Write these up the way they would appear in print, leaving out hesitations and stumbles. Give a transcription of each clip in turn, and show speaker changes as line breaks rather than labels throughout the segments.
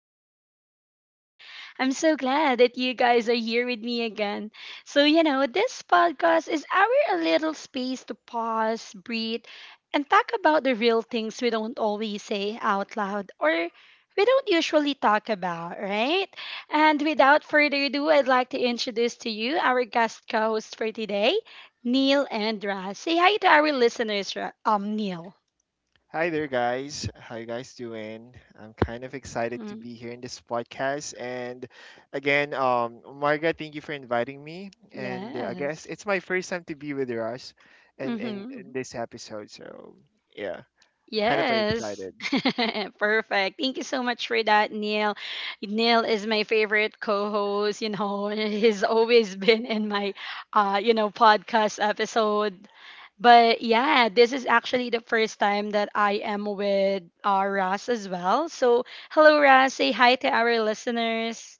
podcast episode. I'm so glad that you guys are here with me again. So, this podcast is our a little space to pause, breathe, and talk about the real things we don't always say out loud, or we don't usually talk about, right? And without further ado, I'd like to introduce to you our guest co host for today, Neil and Raz. Say hi to our listeners, Neil.
Hi there, guys. How you guys doing? I'm kind of excited to
Mm,
be here in this podcast. And again, Marga, thank you for inviting me. And I
yes.
guess it's my first time to be with Russ, and in
Hmm.
this episode. So yeah, kind of like,
Yes.
excited.
Perfect. Thank you so much for that, Neil. Neil is my favorite co-host. He's always been in my podcast episode. But yeah, this is actually the first time that I am with Ras as well. So, hello Ras, say hi to our listeners.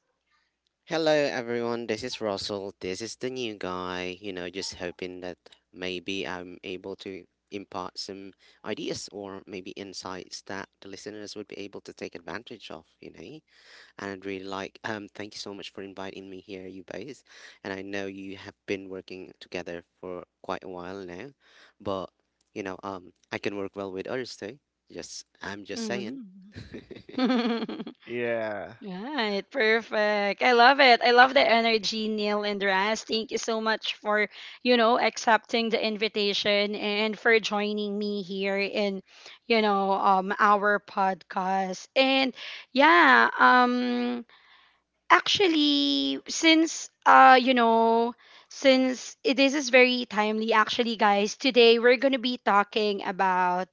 Hello everyone, this is Russell. This is the new guy, just hoping that maybe I'm able to impart some ideas or maybe insights that the listeners would be able to take advantage of. And I'd really like thank you so much for inviting me here, you guys. And I know you have been working together for quite a while now, but I can work well with others too. Just I'm just saying.
Hmm.
Yeah,
Right, perfect. I love it. I love the energy, Neil and Raz. Thank you so much for, accepting the invitation and for joining me here in, our podcast. And yeah, actually, since you know, since it, this is very timely actually, guys. Today we're going to be talking about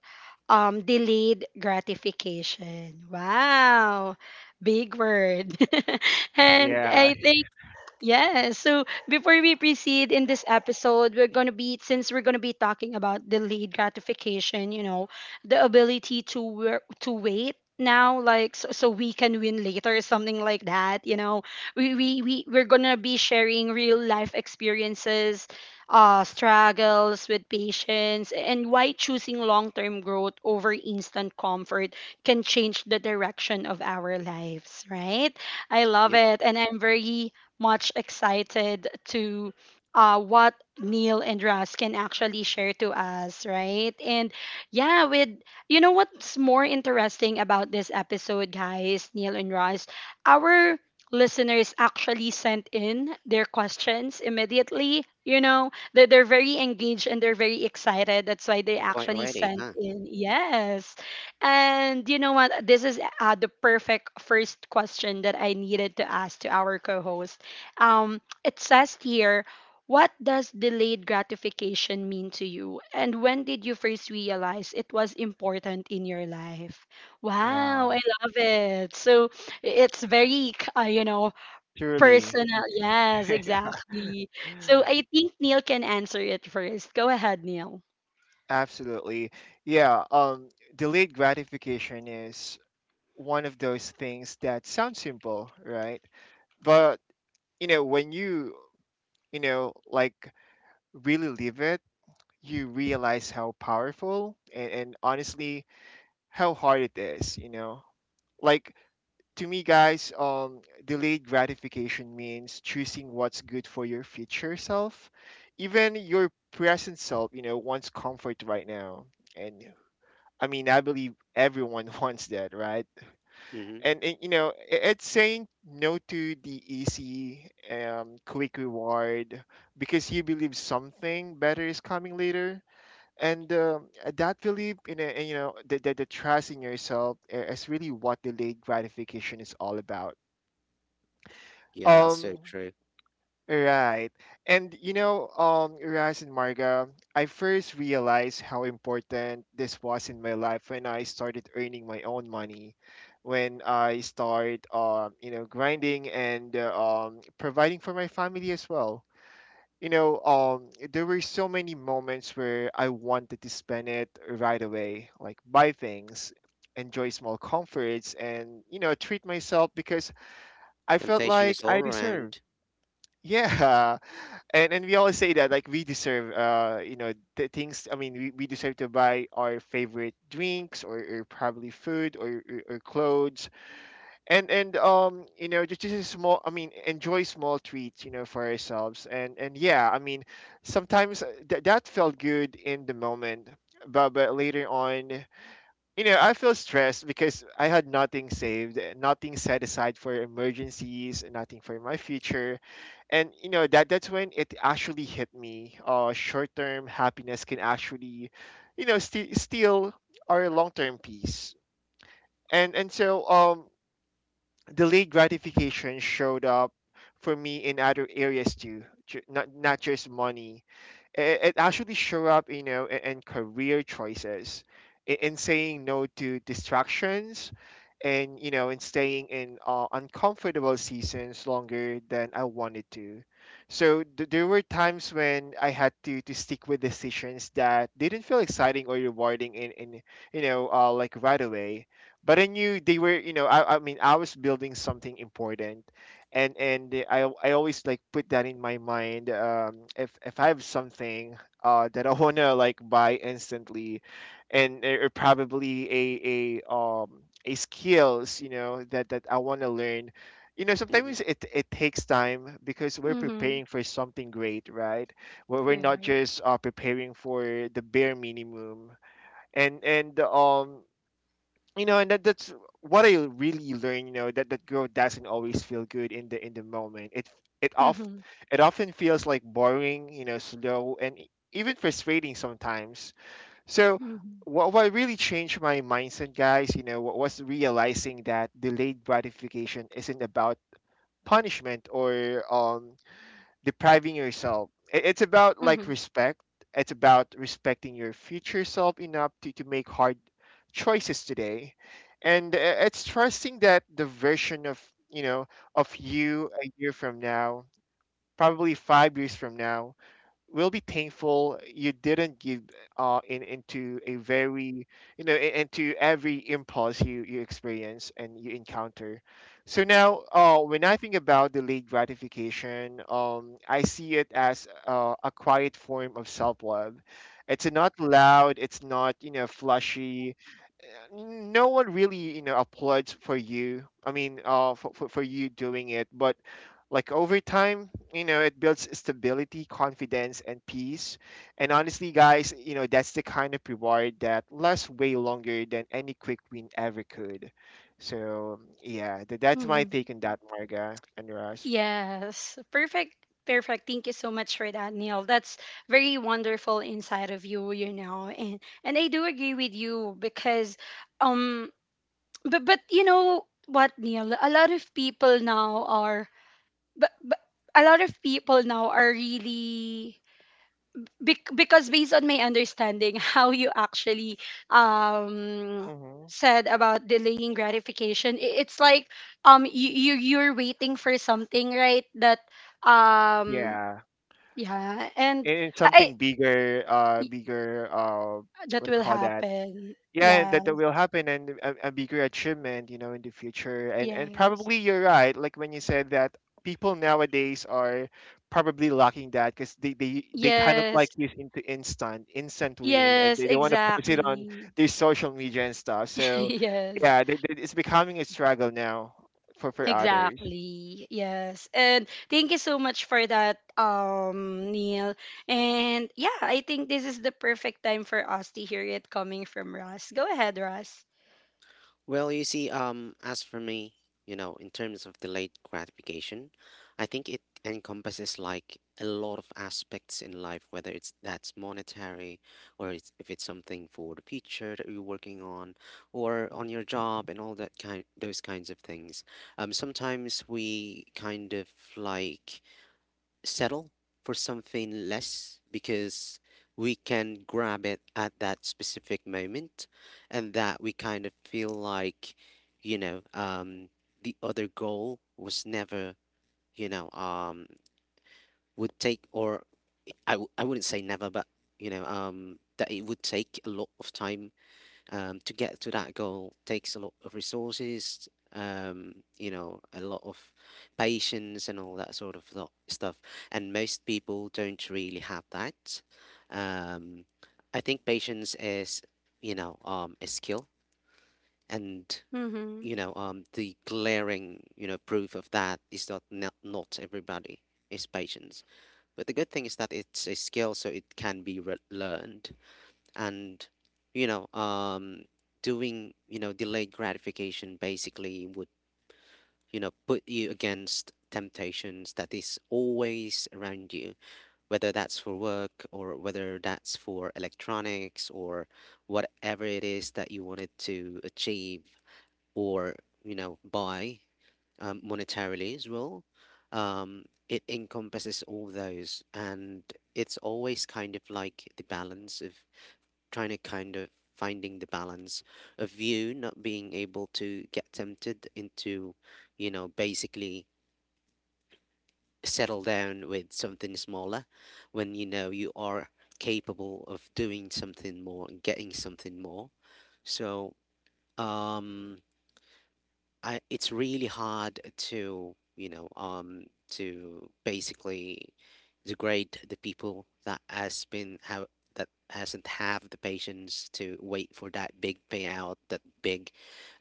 delayed gratification. Wow, big word. And
yeah.
I think. Yes. So before we proceed in this episode, we're going to be, since we're going to be talking about delayed gratification, you know, the ability to work, to wait now, like so we can win later, or something like that. We're gonna be sharing real life experiences, struggles with patience, and why choosing long-term growth over instant comfort can change the direction of our lives, right? I love
Yep,
it, and I'm very much excited to what Neil and Russ can actually share to us, right? And yeah, with you know what's more interesting about this episode, guys, Neil and Russ, our listeners actually sent in their questions immediately. You know, they're very engaged, and they're very excited. That's why they
you're quite
actually
ready,
sent
huh?
in, yes. And you know what? This is the perfect first question that I needed to ask to our co host. It says here, what does delayed gratification mean to you? And when did you first realize it was important in your life? Wow, I
Wow,
love it. So it's very,
truly.
personal. Yes, exactly. So I think Neil can answer it first. Go ahead, Neil.
Absolutely. Yeah, um, Delayed gratification is one of those things that sounds simple, right? But, when you know like, really live it, you realize how powerful and, honestly, how hard it is, like, to me, guys, delayed gratification means choosing what's good for your future self, even your present self, wants comfort right now. And I mean, I believe everyone wants that, right?
Mm-hmm.
And it's saying no to the easy, quick reward, because you believe something better is coming later. And that belief in a, the, the trust in yourself, is really what delayed gratification is all about.
Yeah, that's so
um
true.
Right. And you know, Raz and Marga, I first realized how important this was in my life when I started earning my own money, when I started, grinding and providing for my family as well. There were so many moments where I wanted to spend it right away, like buy things, enjoy small comforts, and, treat myself, because I felt
Temptation is
like
all
I deserved.
around.
Yeah, and we always say that, like, we deserve, the things. I mean, we deserve to buy our favorite drinks, or probably food, or clothes. And just a small, I mean, enjoy small treats, for ourselves. And yeah, I mean, sometimes that felt good in the moment, but, later on, I feel stressed, because I had nothing saved, nothing set aside for emergencies, nothing for my future. And that's when it actually hit me: short-term happiness can actually, steal our long-term peace. And so, delayed gratification showed up for me in other areas too, not just money. It actually show up, in career choices, in saying no to distractions, and, in staying in uncomfortable seasons longer than I wanted to. So there were times when I had to, stick with decisions that didn't feel exciting or rewarding, in like, right away. But I knew they were, I mean, I was building something important. And I always, like, put that in my mind. If I have something that I wanna like buy instantly, and, or probably a skills, that, I wanna learn. You know,
Hmm.
sometimes, it takes time, because we're
Mm-hmm.
preparing for something great, right? Where we're not
Right.
just preparing for the bare minimum. And That's what I really learned. You know, that growth doesn't always feel good in the, in the moment. It off
Mm-hmm.
it often feels, like, boring, you know, slow, and even frustrating sometimes. So,
Mm-hmm.
what really changed my mindset, guys, you know, was realizing that delayed gratification isn't about punishment or depriving yourself. It's about, like, respect. It's about respecting your future self enough to, make hard choices today. And, it's trusting that the version of, you know, of you a year from now, probably 5 years from now, will be thankful you didn't give, in, into a, very, into every impulse you, experience and you encounter. So now, when I think about delayed gratification, I see it as a quiet form of self-love. It's not loud, it's not, flashy. No one really, applauds for you, I mean, for you doing it. But, like, over time, you know, it builds stability, confidence, and peace. And honestly, guys, you know, that's the kind of reward that lasts way longer than any quick win ever could. So yeah, that's my
Mm-hmm.
take on that, Marga and Russ.
Yes, perfect, perfect. Thank you so much for that, Neil. That's very wonderful inside of you, and I do agree with you because, um, but you know what, Neil, but but a lot of people now are really, because based on my understanding, how you actually um
Hmm,
said about delaying gratification, it's like, you're waiting for something, right? that um
yeah,
yeah and
and it's
i
something bigger,
y- that
what do you
will
call that?
happen.
Yeah, and
Yeah.
that will happen, and a, bigger achievement, you know, in the future. And
Yes.
probably you're right, like when you said that people nowadays are probably lacking that, because they kind of like
Yes.
use into instant win,
Hmm.
and
Yes,
they want to post it on
exactly.
their social media and stuff. So
Yes.
yeah, it's becoming a struggle now for others.
Exactly. Yes. And thank you so much for that, Neil. And yeah, I think this is the perfect time for us to hear it coming from Russ. Go ahead, Russ.
Well, you see, as for me, in terms of delayed gratification, I think it encompasses like a lot of aspects in life, whether it's that's monetary or if it's something for the future that you're working on or on your job and all that kind, those kinds of things. Sometimes we kind of like settle for something less because we can grab it at that specific moment, and that we kind of feel like you know um the other goal was never, you know um would take, or I wouldn't say never, but that it would take a lot of time, to get to that goal takes a lot of resources, a lot of patience and all that sort of stuff. And most people don't really have that. Um, I think patience is a skill. And,
Mm-hmm.
you know, um, the glaring proof of that is that not everybody is patient. But the good thing is that it's a skill, so it can be learned. And you know um doing delayed gratification basically would put you against temptations that is always around you, whether that's for work or whether that's for electronics, or whatever it is that you wanted to achieve, or buy, monetarily as well. It encompasses all those, and it's always kind of like the balance of trying to kind of finding the balance of you not being able to get tempted into basically settle down with something smaller when you know you are capable of doing something more and getting something more. So, um, it's really hard to you know to basically degrade the people that hasn't have the patience to wait for that big payout, that big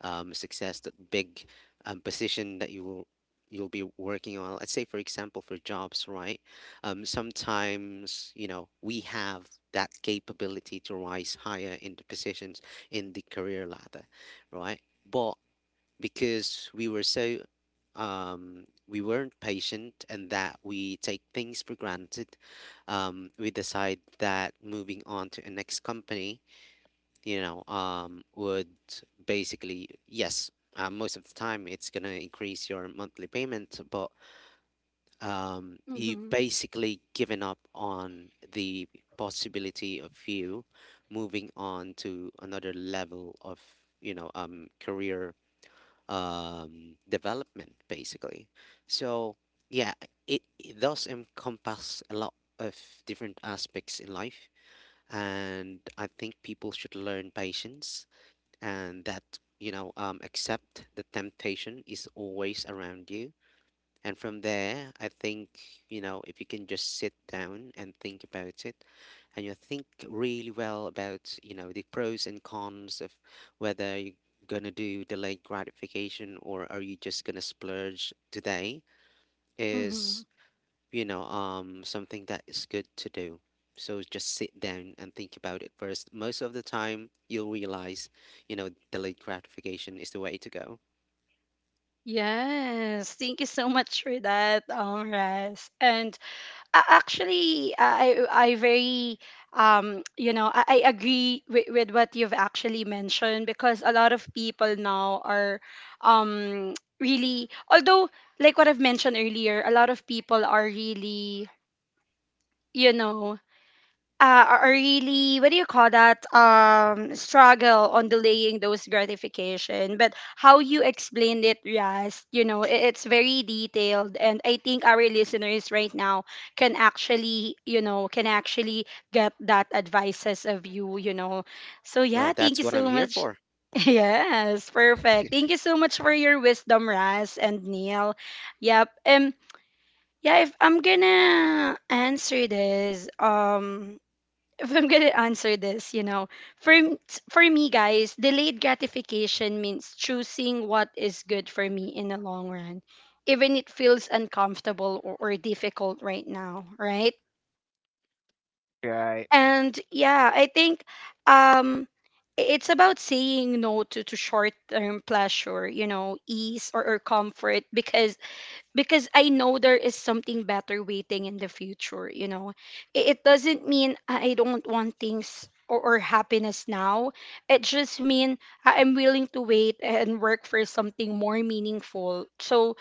success, that big position that you'll be working on, let's say for example for jobs, right? Sometimes, you know, we have that capability to rise higher in the positions, in the career ladder, right? But because we were we weren't patient, and that we take things for granted. We decide that moving on to a next company, would basically, yes. Most of the time, it's gonna increase your monthly payment, but you've
Mm-hmm.
basically given up on the possibility of you moving on to another level of, career, development, basically. So, yeah, it does encompass a lot of different aspects in life. And I think people should learn patience, and that, accept the temptation is always around you. And from there, I think, if you can just sit down and think about it, and you think really well about the pros and cons of whether you're going to do delayed gratification or are you just going to splurge today,
Mm-hmm.
is something that is good to do. So just sit down and think about it first. Most of the time, you'll realize delayed gratification is the way to go.
Yes. Thank you so much for that, Russ. And actually, I very you know I agree with, what you've actually mentioned, because a lot of people now are um really, although, like what I've mentioned earlier, a lot of people are really, you know what do you call that, struggle on delaying those gratification. But how you explained it, yes, it's very detailed, and I think our listeners right now can actually you know can actually get that advices of you, you know so
Well,
yeah, thank
that's
you
what I'm
so
here
much.
for.
Yes, perfect. Thank you so much for your wisdom, Raz and Neil. Yep. Yeah, if I'm gonna answer this, if I'm gonna answer this, you know, for me, guys, delayed gratification means choosing what is good for me in the long run, even it feels uncomfortable, or difficult right now, right?
Right.
And yeah, I think um it's about saying no to short term pleasure, you know, ease , or comfort, because I know there is something better waiting in the future. It doesn't mean I don't want things, or happiness now. It just means I'm willing to wait and work for something more meaningful. So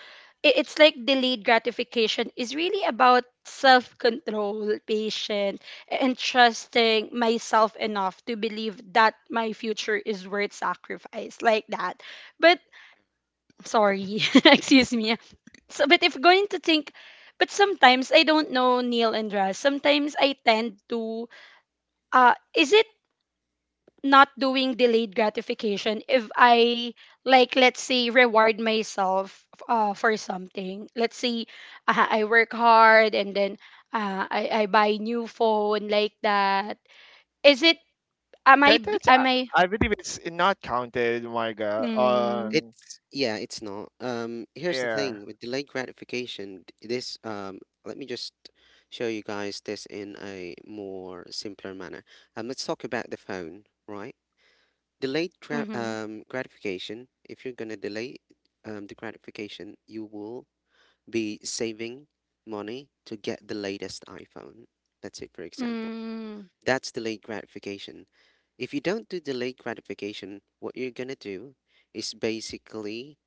it's like delayed gratification is really about self control, patience, and trusting myself enough to believe that my future is worth sacrifice, like that. But sorry, excuse me. So, but if going to think, but sometimes I don't know, Neil and Russ. Sometimes I tend to, is it not doing delayed gratification if I, like, let's say reward myself for something. Let's say, I work hard, and then I buy new phone, like that. Is it, am I,
that that's i,
am I?
I believe it's not counted, Marga.
Mm.
It's yeah, it's not. Here's the
Yeah,
thing with delayed gratification. D- This let me just show you guys this in a more simpler manner. Let's talk about the phone, right? Delayed
Mm-hmm.
gratification. If you're gonna delay the gratification, you will be saving money to get the latest iPhone. That's it, for example.
Mm.
That's delayed gratification. If you don't do delayed gratification, what you're gonna do is basically,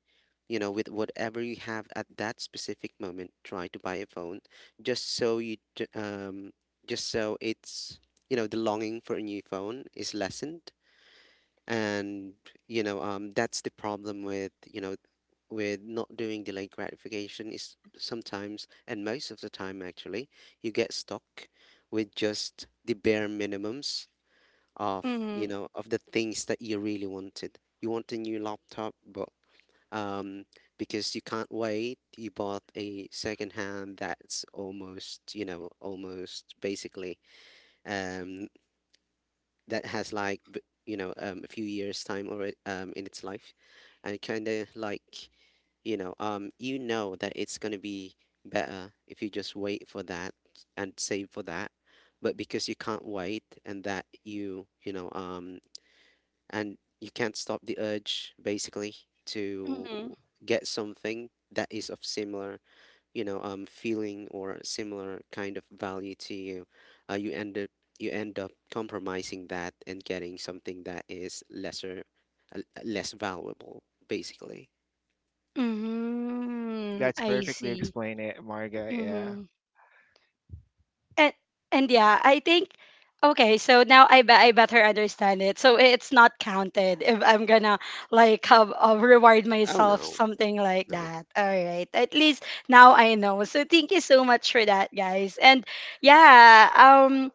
with whatever you have at that specific moment, try to buy a phone just so just so it's the longing for a new phone is lessened. And, that's the problem with not doing delayed gratification is sometimes, and most of the time actually, you get stuck with just the bare minimums of you
Mm.
know of the things that you really wanted. You want a new laptop, but um, because you can't wait, you bought a second hand that's almost you know almost basically, um, that has a few years time already, in its life, and kind of like, you know that it's gonna be better if you just wait for that and save for that. But because you can't wait, and that you know and you can't stop the urge basically to
Mm-hmm.
get something that is of similar, feeling, or similar kind of value to you, uh, you end up you end up compromising that and getting something that is lesser, less valuable basically.
Mm,
that's
I
perfectly
see.
explained it, Marga. Yeah.
Mm-hmm. and and yeah, I think, okay, so now I bet I better understand it. So it's not counted if I'm gonna, like, have, reward
Oh,
myself
no,
something, like
no.
that. All right, at least now I know. So thank you so much for that, guys. And yeah,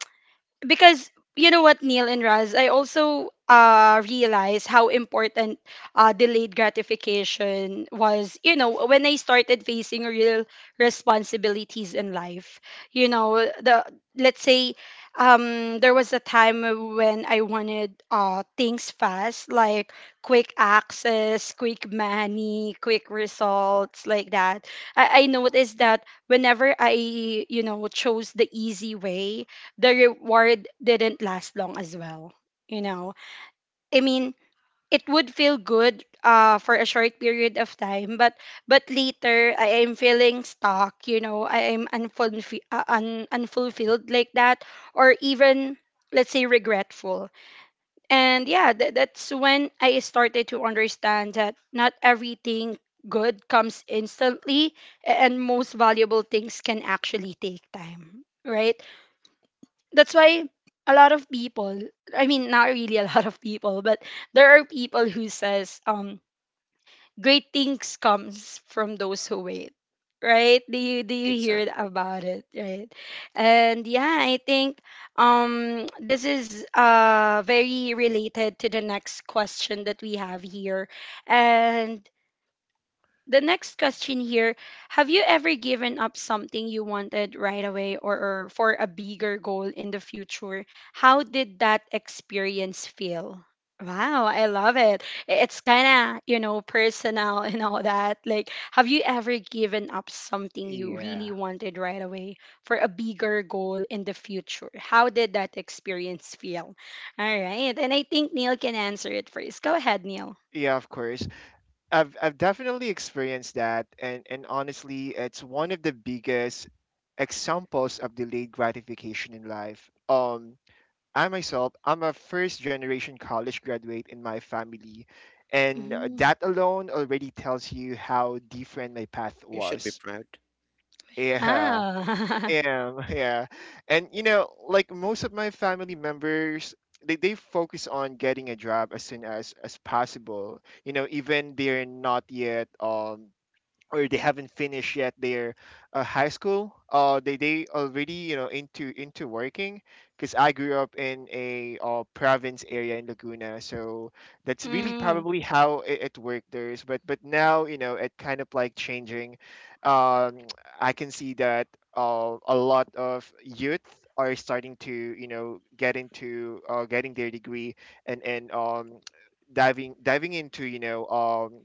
because you know what, Neil and Raz, I also realized how important delayed gratification was, you know, when I started facing real responsibilities in life. You know, the let's say there was a time when I wanted things fast, like quick access, quick money, quick results, like that. I noticed that whenever I, chose the easy way, the reward didn't last long as well. You know, I mean, it would feel good for a short period of time, but later I am feeling stuck. You know, I am unfulfilled, like that, or even let's say regretful. And yeah, that's when I started to understand that not everything good comes instantly, and most valuable things can actually take time, right? That's why a lot of people, I mean, not really a lot of people, but there are people who says, great things comes from those who wait, right? Do you hear
Exactly.
about it, right? And yeah, I think this is very related to the next question that we have here, and the next question here: have you ever given up something you wanted right away , or for a bigger goal in the future? How did that experience feel? Wow, I love it. It's kind of, personal, and all that. Like, have you ever given up something you really
Yeah.
wanted right away for a bigger goal in the future? How did that experience feel? All right, and I think Neil can answer it first. Go ahead, Neil.
Yeah, of course. I've definitely experienced that, and, honestly, it's one of the biggest examples of delayed gratification in life. I myself, I'm a first generation college graduate in my family, and
Mhm.
that alone already tells you how different my path
You should be
was.
proud.
Yeah.
Yeah.
Yeah, yeah. And you know, like most of my family members, they focus on getting a job as soon as possible. You know, even they're not yet, or they haven't finished yet their, high school, they already, you know, into working, because I grew up in a, province area in Laguna. So that's really
Mm.
probably how it worked. There's, but, now, you know, it kind of like changing. um I can see that a lot of youth are starting to, you know, get into, getting their degree, and diving into, you know,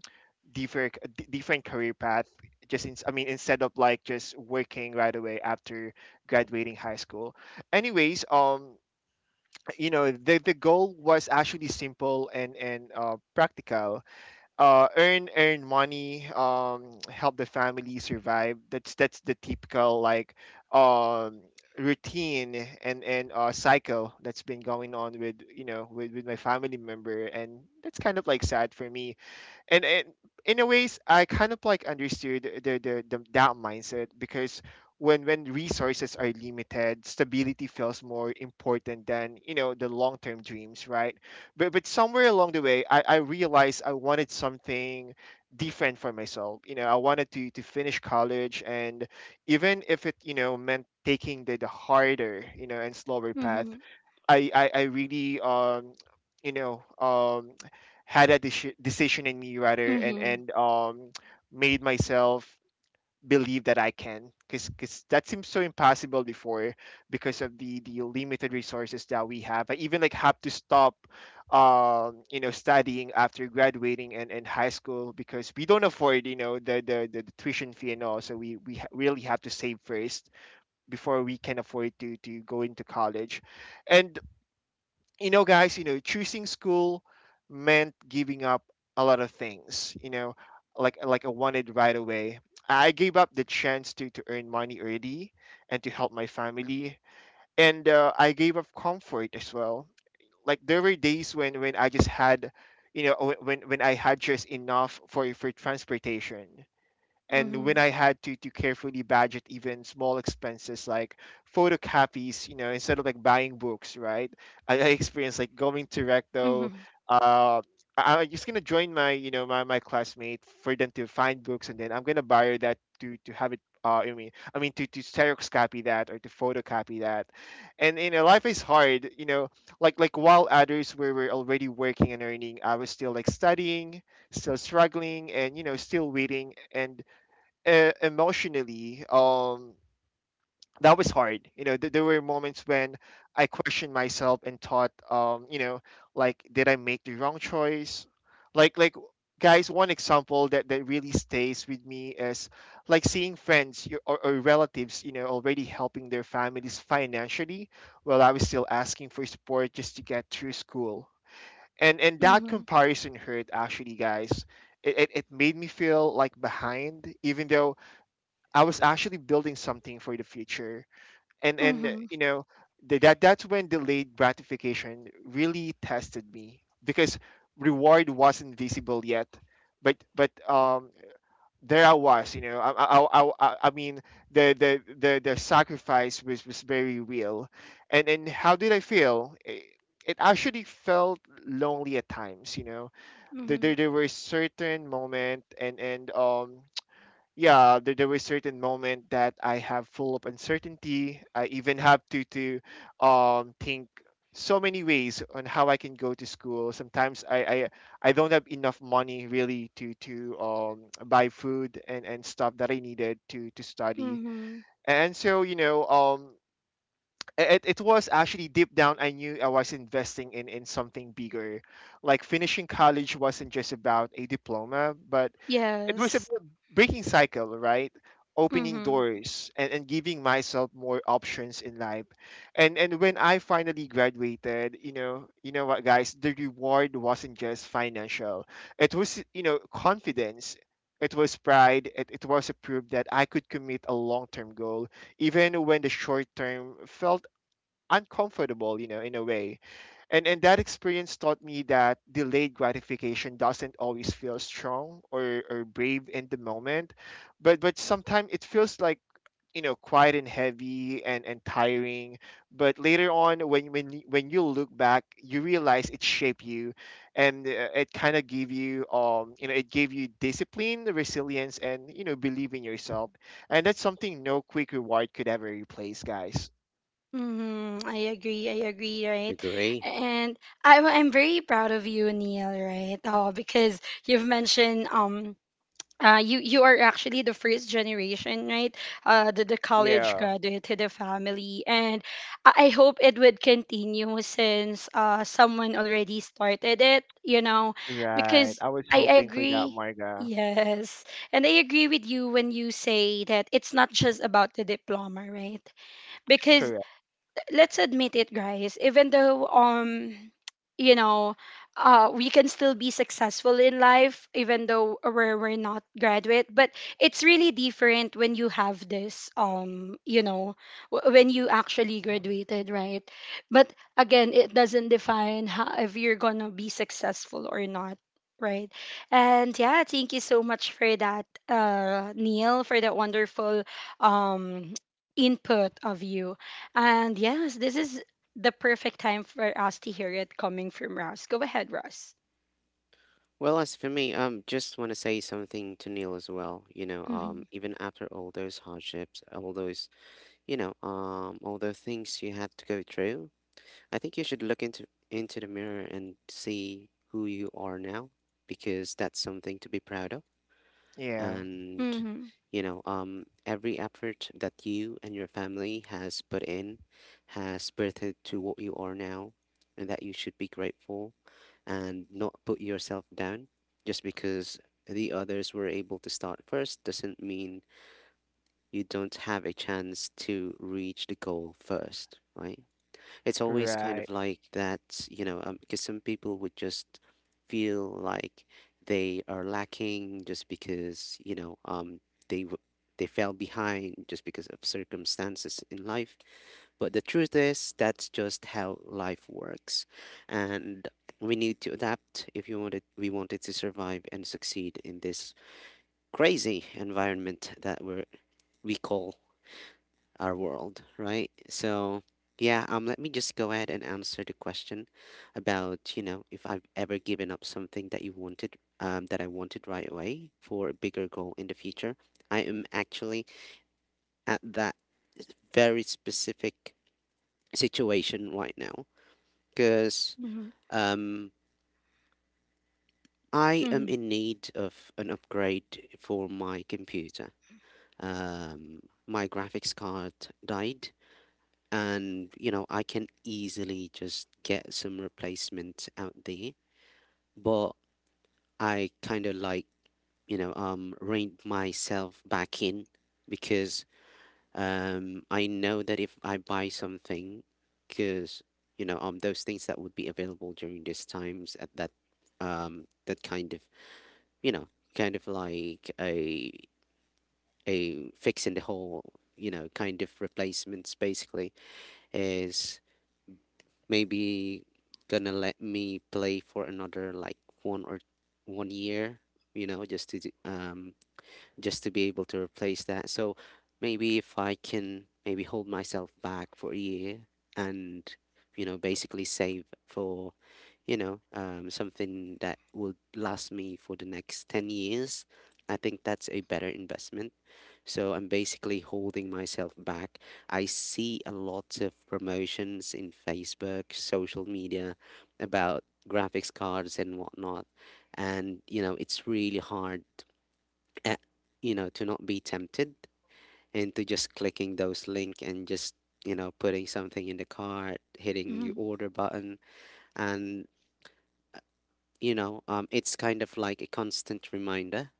different different career path, just in, I mean, instead of like just working right away after graduating high school. Anyways, you know, the goal was actually simple, and, practical. Earn money, help the family survive. That's the typical, like, um routine, and, cycle that's been going on with, you know, with my family member, and that's kind of like sad for me. And, in a ways, I kind of like understood the, the, that mindset, because when resources are limited, stability feels more important than, you know, the long-term dreams, right? But, somewhere along the way, I realized I wanted something different for myself. You know, I wanted to, finish college, and even if it, you know, meant taking the, harder, you know, and slower path.
Mhm.
I really, you know um had a decision in me, rather,
Mhm.
and made myself believe that I can, because that seems so impossible before, because of the, limited resources that we have. I even like have to stop, studying after graduating, and high school, because we don't afford, you know, the, the tuition fee and all. So we, really have to save first before we can afford to, go into college. And, you know, guys, you know, choosing school meant giving up a lot of things, you know, like, I wanted right away. I gave up the chance to, earn money early, and to help my family. And, I gave up comfort as well. Like, there were days when, I just had, you know, when I had just enough for, transportation, and when
Mhm.
I had to, carefully budget even small expenses like photocopies, you know, instead of like buying books, right? I experienced, like, going to Recto.
Mhm.
Uh, I'm just gonna join my, you know, my classmate for them to find books, and then I'm gonna borrow that to, have it. I mean, to, xerox copy that, or to photocopy that. And, you know, life is hard. You know, like, while others were, already working and earning, I was still, like, studying, still struggling, and, you know, still waiting. And, emotionally, that was hard. You know, there were moments when I questioned myself and thought, you know, like, did I make the wrong choice? Like, like, Guys, one example that really stays with me is, like, seeing friends, or relatives, you know, already helping their families financially, while I was still asking for support just to get through school. And that
Mhm.
comparison hurt, actually, guys. It made me feel like behind, even though I was actually building something for the future, and and uh,
Mhm.
you know that's when delayed gratification really tested me because reward wasn't visible yet, but there I was, the sacrifice was very real, and how did I feel? It actually felt lonely at times. There,
Mhm.
there, there were certain moment and yeah there were certain moment that I have full of uncertainty. I even have to think so many ways on how I can go to school. Sometimes I don't have enough money really to buy food and stuff that I needed to study.
Mhm.
And so you know It was actually deep down I knew I was investing in something bigger. Like finishing college wasn't just about a diploma, but it was a
Yes.
breaking cycle, right? Opening
Mhm.
doors and, giving myself more options in life. And when I finally graduated, you know, what guys, the reward wasn't just financial. It was, you know, confidence. It was pride. It was a proof that I could commit a long term goal, even when the short term felt uncomfortable, you know, in a way. And that experience taught me that delayed gratification doesn't always feel strong or, brave in the moment. But sometimes it feels like, you know, quiet and heavy and, tiring. But later on, when you look back, you realize it shaped you. And it kind of gave you, you know, it gave you discipline, resilience, and, you know, believe in yourself. And that's something no quick reward could ever replace, guys.
Mhm. I agree. I agree, right?
Agree.
And I'm very proud of you, Neil, right? Oh, because you've mentioned you are actually the first generation, right? The college
Yeah.
graduate to the family, and I hope it would continue since someone already started it, you know,
Right,
because
I was
I
hoping for that,
agree.
Marga.
Yes, and I agree with you when you say that it's not just about the diploma, right? Because
Correct.
let's admit it, guys. Even though you know, we can still be successful in life, even though we're not graduate. But it's really different when you have this, when you actually graduated, right? But again, it doesn't define how, if you're gonna be successful or not. Right. And yeah, thank you so much for that, Neil, for that wonderful um, input of you. And yes, this is the perfect time for us to hear it coming from Ross. Go ahead, Ross.
Well, as for me, just want to say something to Neil as well. You know,
Mm-hmm.
even after all those hardships, all all the things you had to go through, I think you should look into the mirror and see who you are now, because that's something to be proud of.
Yeah.
And
Mm-hmm.
you know, every effort that you and your family has put in has birthed to what you are now, and that you should be grateful and not put yourself down just because the others were able to start first doesn't mean you don't have a chance to reach the goal first, right? It's always kind
Right.
of like that, because some people would just feel like they are lacking just because, they w- they fell behind just because of circumstances in life. But the truth is, that's just how life works, and we need to adapt if you wanted we wanted to survive and succeed in this crazy environment that we call our world, right? So, yeah, let me just go ahead and answer the question about, you know, if I've ever given up something that I wanted right away for a bigger goal in the future. I am actually at that very specific situation right now because,
Mm-hmm.
um, I am
Mm-hmm.
in need of an upgrade for my computer. Um, my graphics card died, and you know I can easily just get some replacement out there. But I kind of like rein myself back in, because I know that if I buy something, because those things that would be available during these times at that kind of, you know like a fix in the hole, kind of replacements basically, is maybe gonna let me play for another, like, one year, you know, just to be able to replace that. So maybe if I can maybe hold myself back for a year and, you know, basically save for, something that would last me for the next 10 years. I think that's a better investment. So I'm basically holding myself back. I see a lot of promotions in Facebook, social media, about graphics cards and whatnot. And, you know, it's really hard, eh, you know, to not be tempted into just clicking those link, and just, you know, putting something in the cart, hitting the order button. And, you know, it's kind of like a constant reminder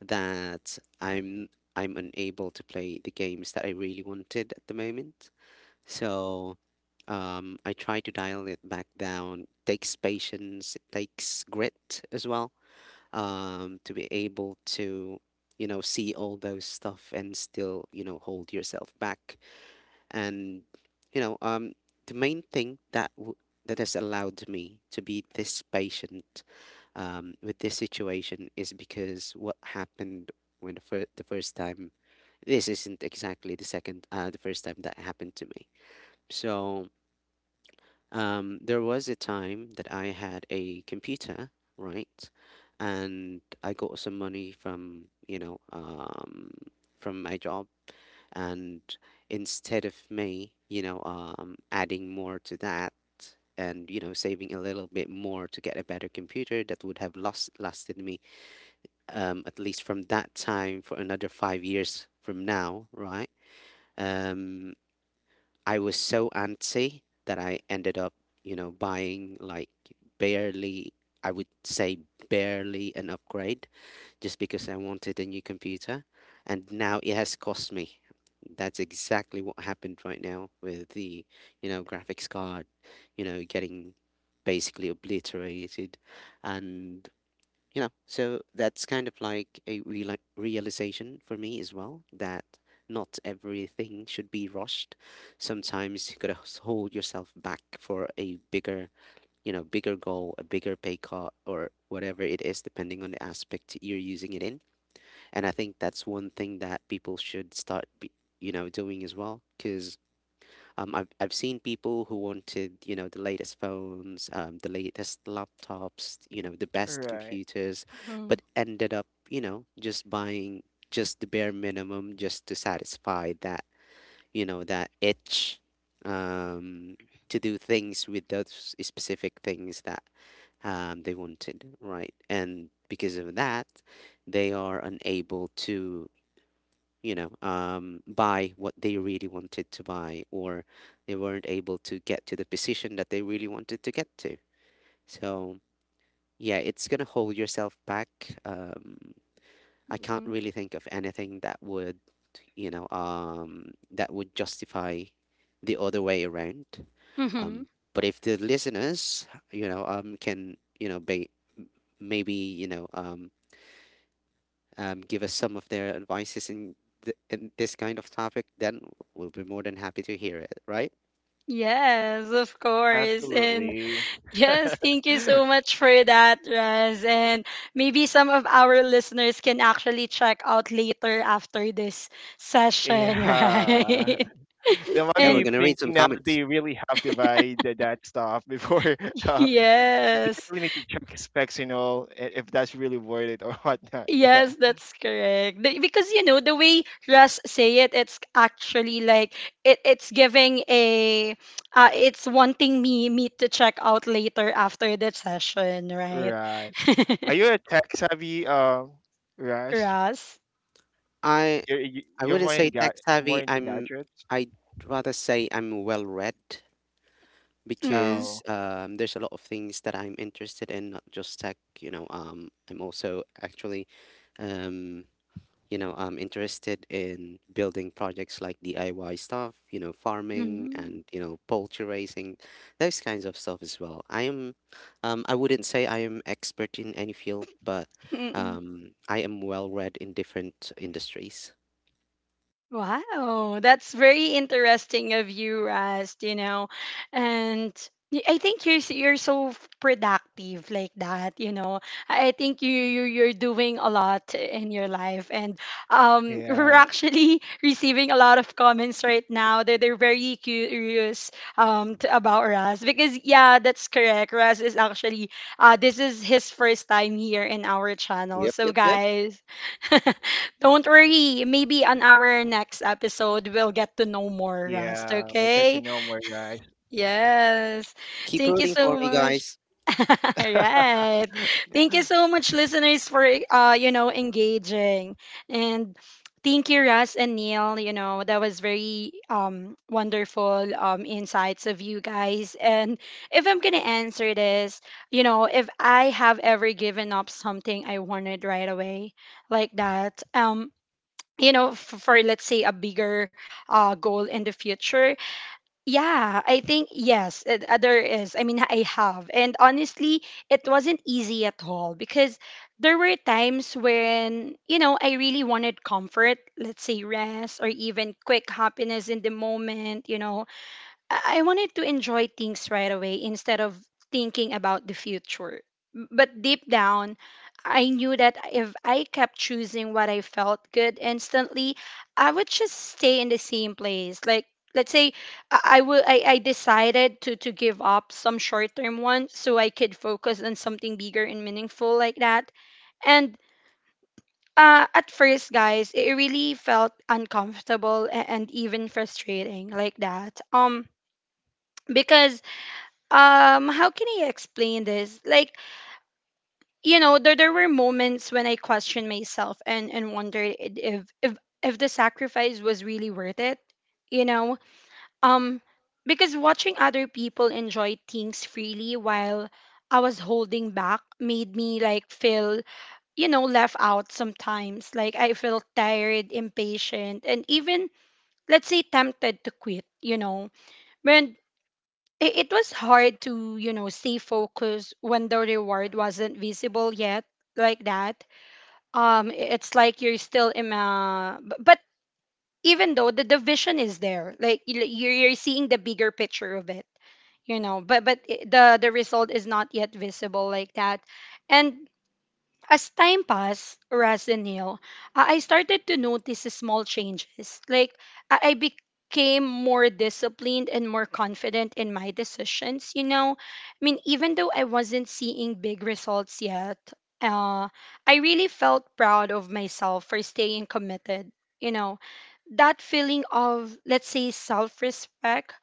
that I'm unable to play the games that I really wanted at the moment. So, I try to dial it back down. Takes patience, it takes grit as well, to be able to, you know, see all those stuff and still, you know, hold yourself back. And, you know, the main thing that has allowed me to be this patient, with this situation is because what happened when the first time, this isn't exactly the second, the first time that happened to me. So, there was a time that I had a computer, right? And I got some money from, you know, from my job. And instead of me, adding more to that and, saving a little bit more to get a better computer that would have lost lasted me at least from that time for another 5 years from now, right? Um, I was so antsy that I ended up, buying like barely, I would say barely an upgrade just because I wanted a new computer. And now it has cost me. That's exactly what happened right now with the, graphics card, getting basically obliterated. And you know, so that's kind of like a realization for me as well that not everything should be rushed. Sometimes you gotta hold yourself back for a bigger, you know, bigger goal, a bigger pay cut, or whatever it is, depending on the aspect you're using it in. And I think that's one thing that people should start you know, doing as well, because I've seen people who wanted, you know, the latest phones, the latest laptops, you know, the best
Right.
computers,
Mm-hmm.
but ended up, you know, just buying just the bare minimum just to satisfy that, you know, that itch, um, to do things with those specific things that they wanted, right? And because of that, they are unable to, you know, buy what they really wanted to buy, or they weren't able to get to the position that they really wanted to get to. So, yeah, it's going to hold yourself back. Um, I can't
Mm-hmm.
really think of anything that would, you know, that would justify the other way around.
Mm-hmm.
Um, but if the listeners, you know, can, maybe, give us some of their advices in, in this kind of topic, then we'll be more than happy to hear it, right?
Yes, of course. And
Absolutely.
yes, thank you so much for that, Ross. And maybe some of our listeners can actually check out later after this session,
Yeah.
right?
They might
Yeah, we're
be
And
gonna read some
thinking now that
comments.
they really have to buy the, that stuff before, uh, they
yes.
really need to check specs and all, if that's really worth it or whatnot. Yeah.
Yes, that's correct. Because you know the way Russ say it, it's actually like it's giving a, it's wanting me to check out later after the session, right?
Right. Are you a tech savvy, Rush?
Russ.
I
You're you-
I
you're
wouldn't
more
say
in
tech
more
savvy.
into
I'm
gadgets.
I'd rather say I'm well read
Mm-hmm.
because
Oh,
there's a lot of things that I'm interested in, not just tech. You know, I'm also actually um, you know, I'm interested in building projects like DIY stuff, you know, farming
Mm-hmm.
and, you know, poultry raising, those kinds of stuff as well. I am, I wouldn't say I am expert in any field, but
Mm-hmm.
I am well read in different industries.
Wow, that's very interesting of you, Rast, you know. And I think you're so productive like that, you know. I think you're doing a lot in your life, and we're
yeah,
actually receiving a lot of comments right now. They're very curious, t about Ras, because yeah, that's correct. Ras is actually, this is his first time here in our channel.
Yep,
So
yep, yep.
guys, don't worry. Maybe on our next episode, we'll get to know more, Rust.
yeah. I got to
Okay?
know more, guys.
Yes.
Keep
Thank you
rooting
so
for me,
much.
guys.
Right. Thank you so much, listeners, for engaging. And thank you, Russ and Neil. That was very wonderful insights of you guys. And if I'm gonna answer this, if I have ever given up something I wanted right away like that, for, let's say a bigger goal in the future. Yeah, I think yes. There is, I mean, I have, and honestly it wasn't easy at all, because there were times when, I really wanted comfort, let's say rest, or even quick happiness in the moment. I wanted to enjoy things right away instead of thinking about the future. But deep down, I knew that if I kept choosing what I felt good instantly, I would just stay in the same place. Like, let's say I decided to give up some short-term one so I could focus on something bigger and meaningful, like that. And at first, guys, it really felt uncomfortable and even frustrating like that. Because, how can I explain this? Like, there, were moments when I questioned myself and wondered, if, if the sacrifice was really worth it. you know um because watching other people enjoy things freely while I was holding back made me like feel, left out sometimes. Like, I felt tired, impatient, and even, let's say, tempted to quit, when, it was hard to, stay focused when the reward wasn't visible yet, like that. It's like you're still in a, but even though the division is there, like you're seeing the bigger picture of it, you know. But the result is not yet visible, like that, and as time passed, Raz and Neil, I started to notice the small changes. Like, I became more disciplined and more confident in my decisions, you know? I mean, even though I wasn't seeing big results yet, uh, I really felt proud of myself for staying committed, you know? That feeling of, let's say, self respect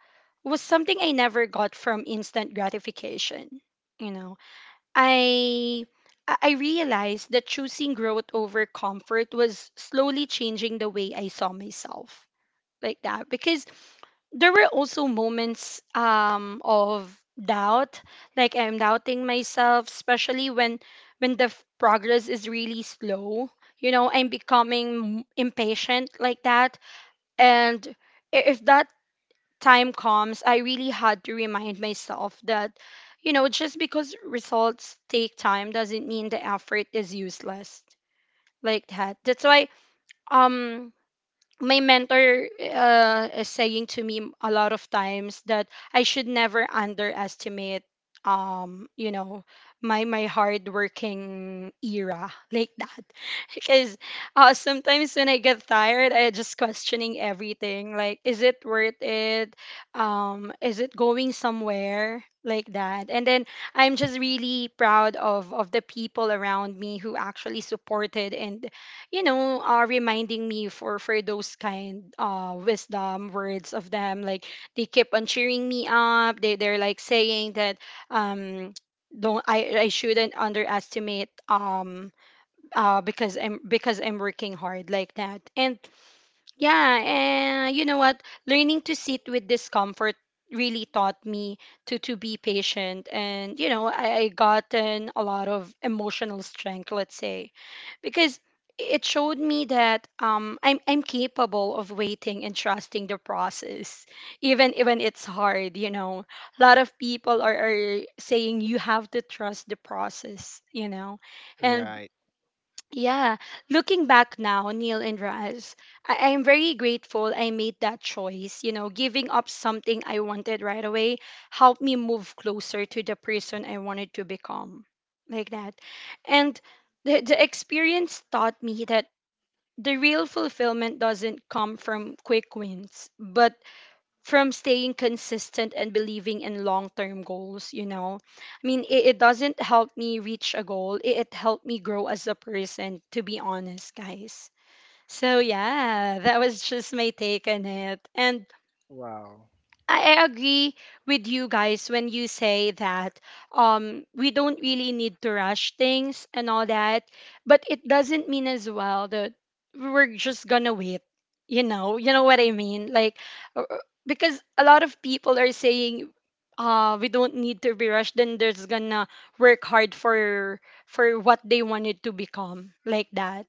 was something I never got from instant gratification, you know? I realized that choosing growth over comfort was slowly changing the way I saw myself, like that, because there were also moments of doubt, like I'm doubting myself, especially when, the progress is really slow. You know, I'm becoming, impatient, like that. And, if that time comes, I really had to remind myself that, you know, just because results take time doesn't mean the effort is useless. Like that. That's why, um my mentor is saying to me a lot of times that I should never underestimate, um you know my hard working era like that, because, sometimes when I get tired I just questioning everything, like is it worth it, is it going somewhere, like that, and then I'm just really proud of the people around me who actually supported and, reminding me for those kind wisdom words of them. Like, they keep on cheering me up. They they're like saying that, um don't, I shouldn't underestimate, because I'm, working hard, like that. And yeah, and you know what? Learning to sit with discomfort really taught me to be patient. And, you know, I gotten a lot of emotional strength, let's say, because it showed me that, I'm, capable of waiting and trusting the process, even it's hard. You know, a lot of people are, saying you have to trust the process. You know, and
Right.
yeah, looking back now, Neil and Raz, I am very grateful I made that choice. You know, giving up something I wanted right away helped me move closer to the person I wanted to become, like that. And the, experience taught me that the real fulfillment doesn't come from quick wins, but from staying consistent and believing in long-term goals, you know? I mean, it, doesn't help me reach a goal, it, helped me grow as a person, to be honest, guys. So yeah, that was just my take on it. And
Wow.
I agree with you guys when you say that, we don't really need to rush things and all that, but it doesn't mean as well that we're just gonna wait. You know what I mean? Like, uh, uh, because a lot of people are saying, we don't need to be rushed, then they're just gonna work hard for what they wanted to become, like that.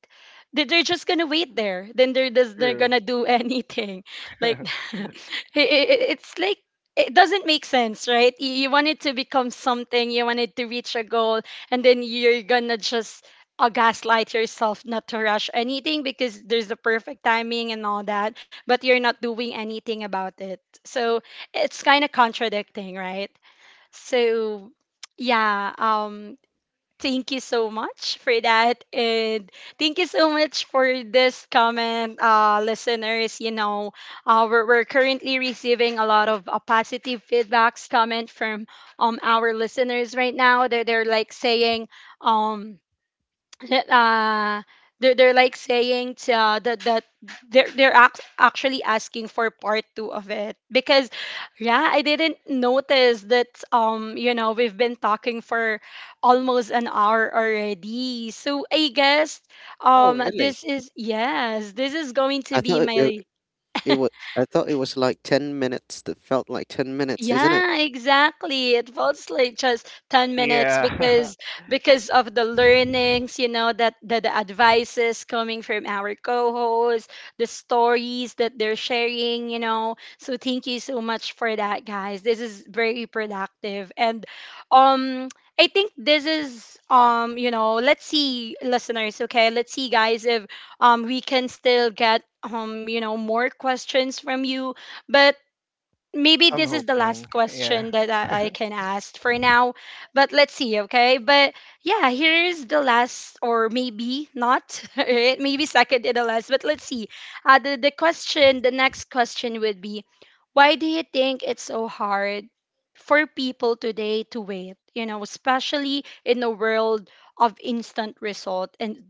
They- They're just gonna wait there. Then they're just they're
True.
gonna do anything like that. It's like it doesn't make sense, right? You, want it to become something, you want it to reach a goal, and then you're gonna just, gaslight yourself not to rush anything because there's the perfect timing and all that, but you're not doing anything about it. So it's kind of contradicting, right? So yeah, thank you so much for that. And thank you so much for this comment, listeners. You know, we're, currently receiving a lot of positive feedbacks, comment from, our listeners right now. They're, like saying, um, that, they're, like saying to, that they're actually asking for part two of it. Because yeah, I didn't notice that, you know, we've been talking for almost an hour already, so I guess,
Oh, really?
this is, yes, this is going
I
to be
thought it,
my—
it was, I thought it was like 10 minutes that felt like 10 minutes, isn't it?
Yeah, exactly. It feels like just 10 minutes
Yeah.
because, of the learnings, you know, that the, advices coming from our co-hosts, the stories that they're sharing, you know. So thank you so much for that, guys. This is very productive. And, um I think this is, you know, let's see listeners, okay? Let's see guys if, we can still get, you know, more questions from you. But maybe
I'm
this is the
hoping.
last
Yeah.
question that, I can ask for now, but let's see, okay? But yeah, here's the last, or maybe not, right? Maybe second to the last, but let's see. The, question, the next question would be: why do you think it's so hard for people today to wait? You know, especially in the world of instant result and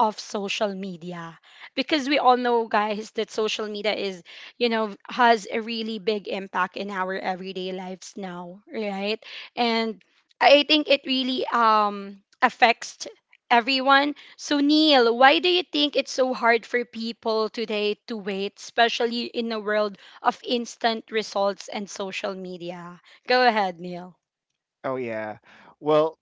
of social media, because we all know guys that social media is you know, has a really big impact in our everyday lives now, right? And I think it really, affects everyone. So, Neil, why do you think it's so hard for people today to wait, especially in a world of instant results and social media? Go ahead, Neil.
Oh, yeah. Well,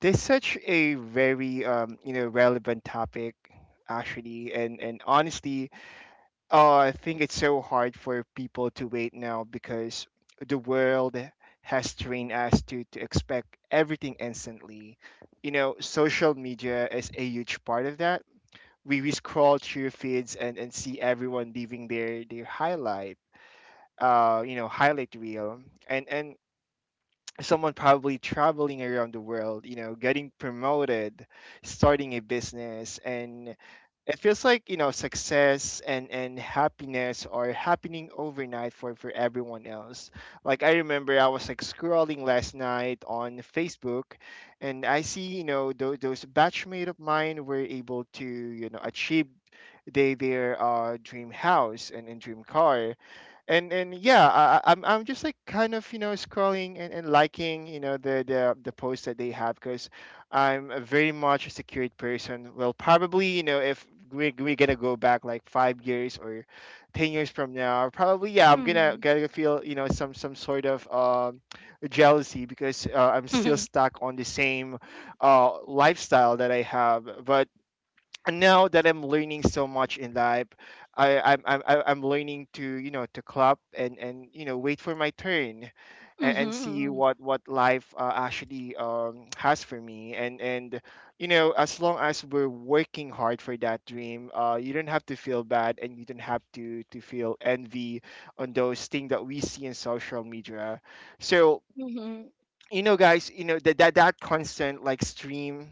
this such a very you know, relevant topic actually, and honestly, I think it's so hard for people to wait now because the world has trained us to expect everything instantly. You know, social media is a huge part of that. We scroll through feeds and see everyone leaving their highlight, highlight reel, and someone probably traveling around the world, you know, getting promoted, starting a business, and it feels like, you know, success and happiness are happening overnight for everyone else. Like I remember I was like scrolling last night on Facebook, and I see, you know, those batchmate of mine were able to, you know, achieve they their dream house and, dream car. And yeah, I'm just like kind of, you know, scrolling and, liking, you know, the the posts that they have, because I'm a very much a secured person. Well, probably, you know, if we're gonna go back like 5 years or 10 years from now, probably, yeah, i'm
Mhm.
gonna feel, you know, some sort of jealousy, because I'm
Mhm.
still stuck on the same lifestyle that I have. But now that I'm learning so much in life, I I'm I- I'm learning to, you know, to clap and, you know, wait for my turn, and, see
Mhm.
what life actually, has for me. And you know, as long as we're working hard for that dream, you don't have to feel bad, and you don't have to feel envy on those things that we see in social media. So,
Mhm.
you know, guys, you know that that constant like stream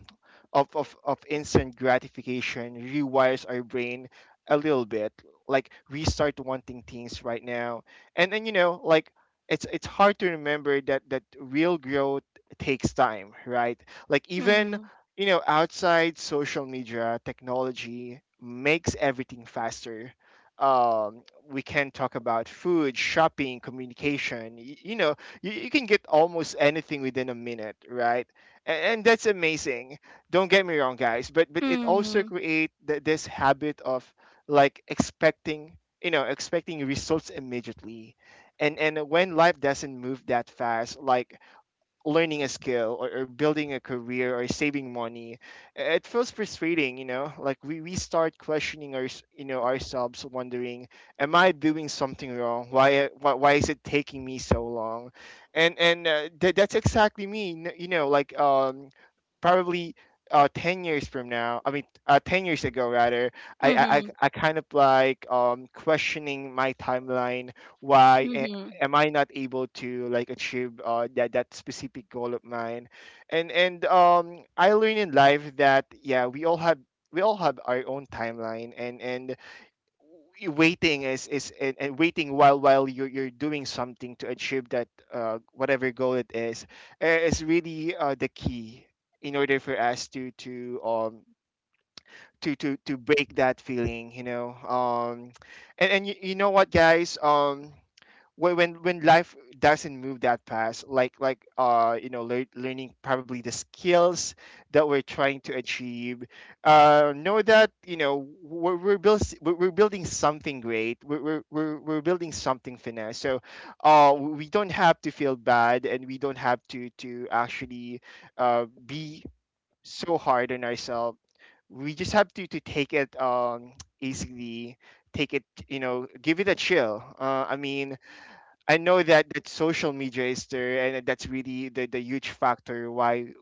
of, of instant gratification rewires our brain a little bit. Like we start wanting things right now, and then, you know, like it's hard to remember that real growth takes time, right? Like, even,
Mhm.
you know, outside social media, technology makes everything faster. um, we can talk about food, shopping, communication, you know, you can get almost anything within a minute, right? And, that's amazing. Don't get me wrong, guys, but it also
Mhm.
create this habit of like expecting, you know, expecting results immediately. And when life doesn't move that fast, like learning a skill, or, building a career, or saving money, it feels frustrating. You know, like we start questioning our, you know, ourselves, wondering am I doing something wrong? Why, is it taking me so long? That's exactly me, you know, like probably 10 years from now, I mean, 10 years ago rather. i i, I
Mhm.
I kind of like, questioning my timeline, why
Mhm.
am I not able to like achieve that specific goal of mine? And I learned in life that yeah, we all have, we all have our own timeline, and and waiting is and, waiting while you're doing something to achieve that, whatever goal it is, is really, the key in order for us to, to, to break that feeling, you know. And you, you know what, guys, when when life doesn't move that fast, like, you know, learning probably the skills that we're trying to achieve, know that, you know, we're building something great. We're building something finesse. So we don't have to feel bad, and we don't have to actually be so hard on ourselves. We just have to take it easily. Take it, you know, give it a chill. I mean, I know that social media is there, and that's really the huge factor why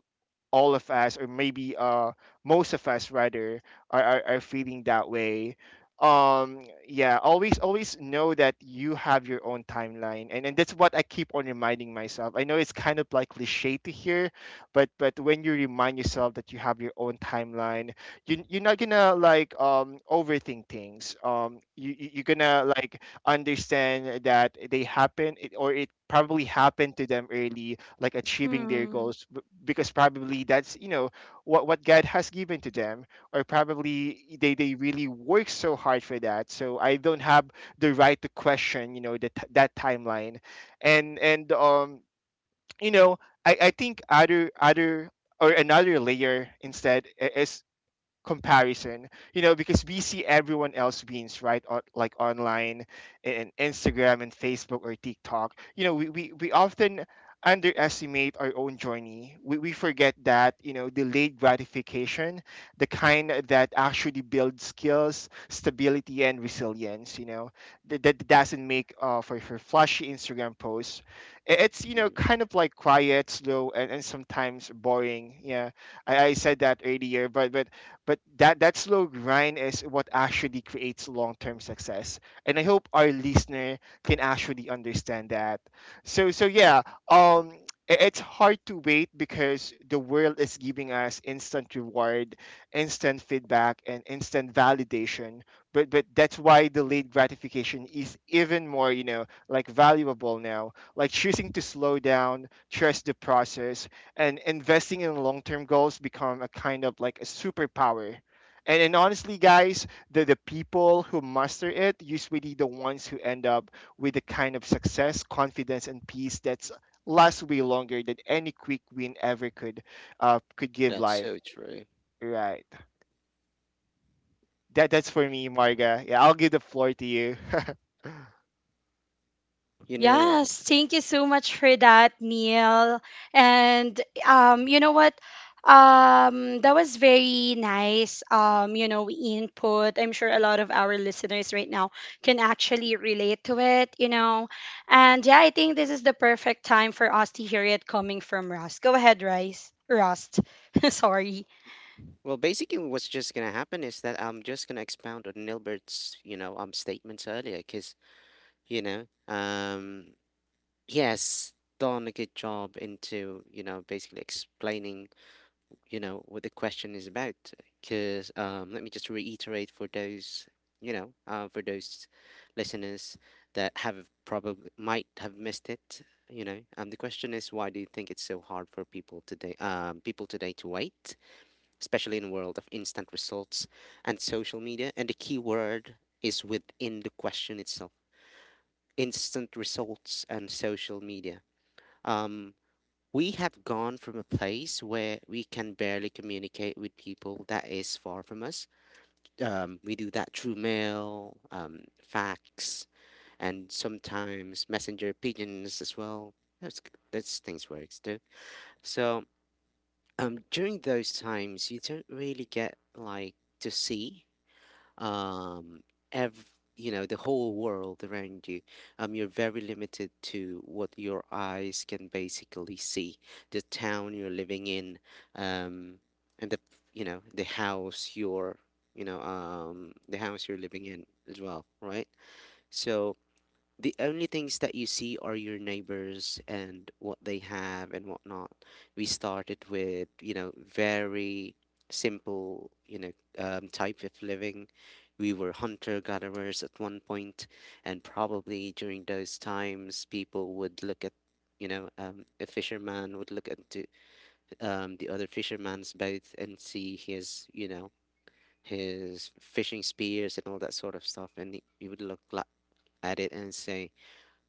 all of us, or maybe most of us rather, are, are feeling that way. Yeah, always, know that you have your own timeline, and that's what I keep on reminding myself. I know it's kind of like cliche to hear, but when you remind yourself that you have your own timeline, you, you're not gonna like, overthink things. You you're gonna like understand that they happen, or it probably happened to them early, like achieving their
Mhm.
goals, because probably that's, you know, what God has given to them, or probably they really work so hard for that. So I don't have the right to question, you know, that timeline. And You know, I think other, or another layer instead, is comparison, you know, because we see everyone else beings right on, like online, and Instagram and Facebook or TikTok. You know, we, we often underestimate our own journey. We forget that, you know, delayed gratification, the kind that actually builds skills, stability and resilience, you know, that doesn't make, for flashy Instagram posts. It's, you know,
hmm
kind of like quiet, slow and, sometimes boring. Yeah, I said that earlier, but that slow grind is what actually creates long-term success. And I hope our listener can actually understand that. So, yeah. um I- it's hard to wait because the world is giving us instant reward, instant feedback and instant validation. But that's why delayed gratification is even more, you know, like valuable now. Like choosing to slow down, trust the process, and investing in long-term goals become a kind of like a superpower. And, honestly, guys, the people who master it usually the ones who end up with the kind of success, confidence and peace that's lasts way longer than any quick win ever could give
That's
life,
so true.
right? That's for me, Marga. Yeah, I'll give the floor to you.
You know,
Yes, thank you so much for that, Neil. And, you know what? That was very nice. You know, input. I'm sure a lot of our listeners right now can actually relate to it. You know, and yeah, I think this is the perfect time for us to hear it coming from Rust. Go ahead, Rice. Rust. Sorry.
well, basically, what's just gonna happen is that I'm just gonna expound on Nilbert's, you know, statements earlier, because you know, he has done a good job into, you know, basically explaining, you know, what the question is about. Because, let me just reiterate for those, for those listeners that have probably might have missed it. You know, the question is, why do you think it's so hard for people today, to wait, especially in a world of instant results and social media? And the key word is within the question itself: instant results and social media. Um, we have gone from a place where we can barely communicate with people that is far from us. We do that through mail, fax, and sometimes messenger pigeons as well. That's, that's things works too. So during those times, you don't really get like to see um ev- you know, the whole world around you. You're very limited to what your eyes can basically see, the town you're living in, um and the, you know the house you're you know the house you're living in as well, right? So the only things that you see are your neighbors and what they have and whatnot. We started with, you know, very simple, you know, type of living. We were hunter gatherers at one point, and probably during those times, people would look at, you know, a fisherman would look into the other fisherman's boat and see his, you know, his fishing spears and all that sort of stuff, and he would at it and say,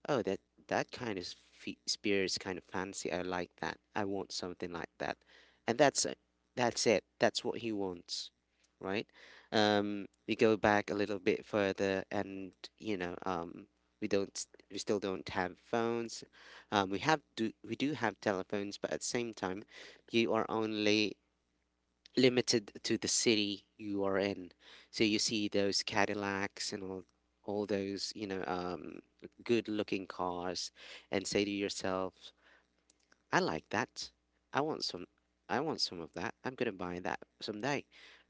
oh, that kind of fe spear is kind of fancy. I like that. I want something like that. And that's it. That's it. That's what he wants, right? We go back a little bit further, and you know, we don't, we still don't have phones. Um, we do have telephones, but at the same time, you are only limited to the city you are in. So you see those Cadillacs and all those, you know, good looking cars and say to yourself, I like that. I want some. I want some of that. I'm gonna buy that someday,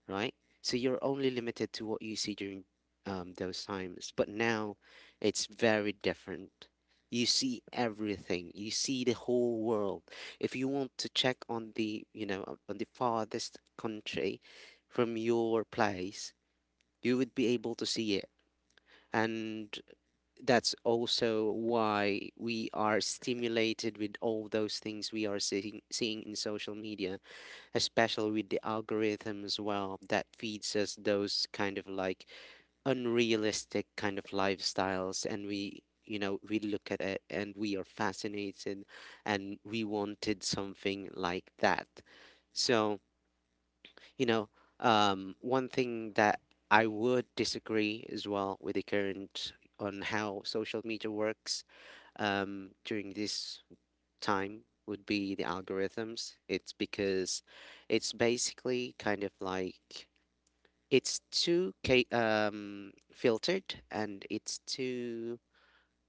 right? So you're only limited to what you see during those times. But now, it's very different. You see everything. You see the whole world. If you want to check on the, you know, on the farthest country from your place, you would be able to see it. And that's also why we are stimulated with all those things seeing in social media, especially with the algorithm as well that feeds us those kind of like unrealistic kind of lifestyles. And we, you know, we look at it and we are fascinated and we wanted something like that. So, you know, one thing that I would disagree as well with the current on how social media works during this time would be the algorithms. It's because it's basically kind of like it's filtered and it's too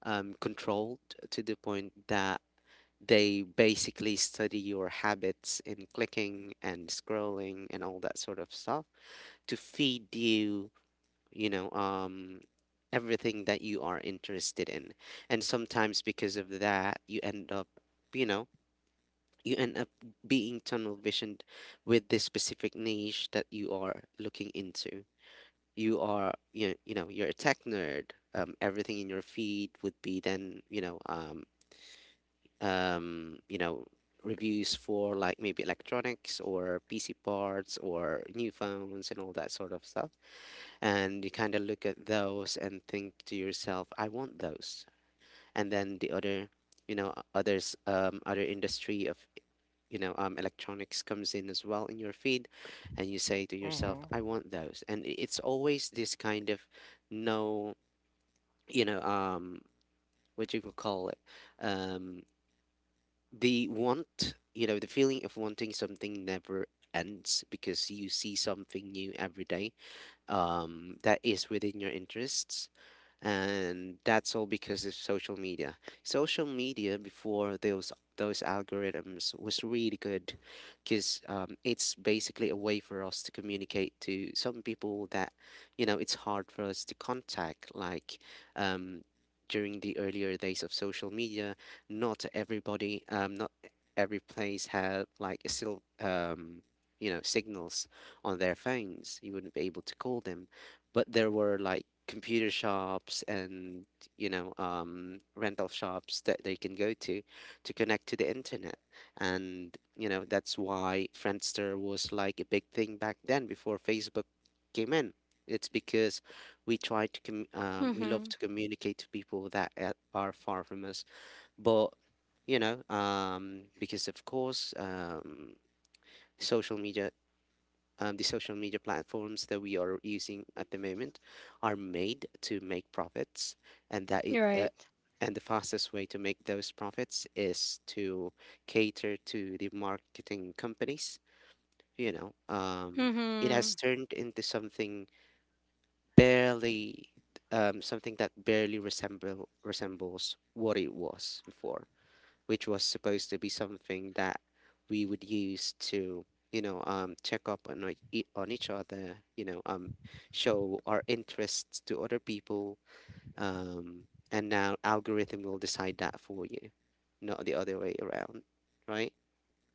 controlled to the point that they basically study your habits in clicking and scrolling and all that sort of stuff to feed you, you know, everything that you are interested in. And sometimes because of that you know you end up being tunnel visioned with this specific niche that you are looking into. You know, you're a tech nerd, everything in your feed would be then, you know, reviews for like maybe electronics or pc parts or new phones and all that sort of stuff, and you kind of look at those and think to yourself, I want those. And then the other industry of, you know, electronics comes in as well in your feed, and you say to yourself,
Hmm.
I want those. And it's always this kind of, no, you know, what you could call it, um the want, you know, the feeling of wanting something never ends because you see something new every day that is within your interests, and that's all because of social media. Social media before those algorithms was really good because it's basically a way for us to communicate to some people that, you know, it's hard for us to contact, like um, during the earlier days of social media not every place had like a still, um, signals on their phones. You wouldn't be able to call them, but there were like computer shops and, you know, rental shops that they can go to connect to the internet. And you know, that's why Friendster was like a big thing back then before Facebook came in. It's because we love
Mm-hmm.
to communicate to people that are far from us. But you know, because of course, social media the social media platforms that we are using at the moment are made to make profits, and
You're right.
and the fastest way to make those profits is to cater to the marketing companies. You know, it
Mm-hmm.
has turned into something barely something that barely resembles what it was before, which was supposed to be something that we would use to, you know, check up on on each other, you know, show our interests to other people, um, and now algorithm will decide that for you, not the other way around, right?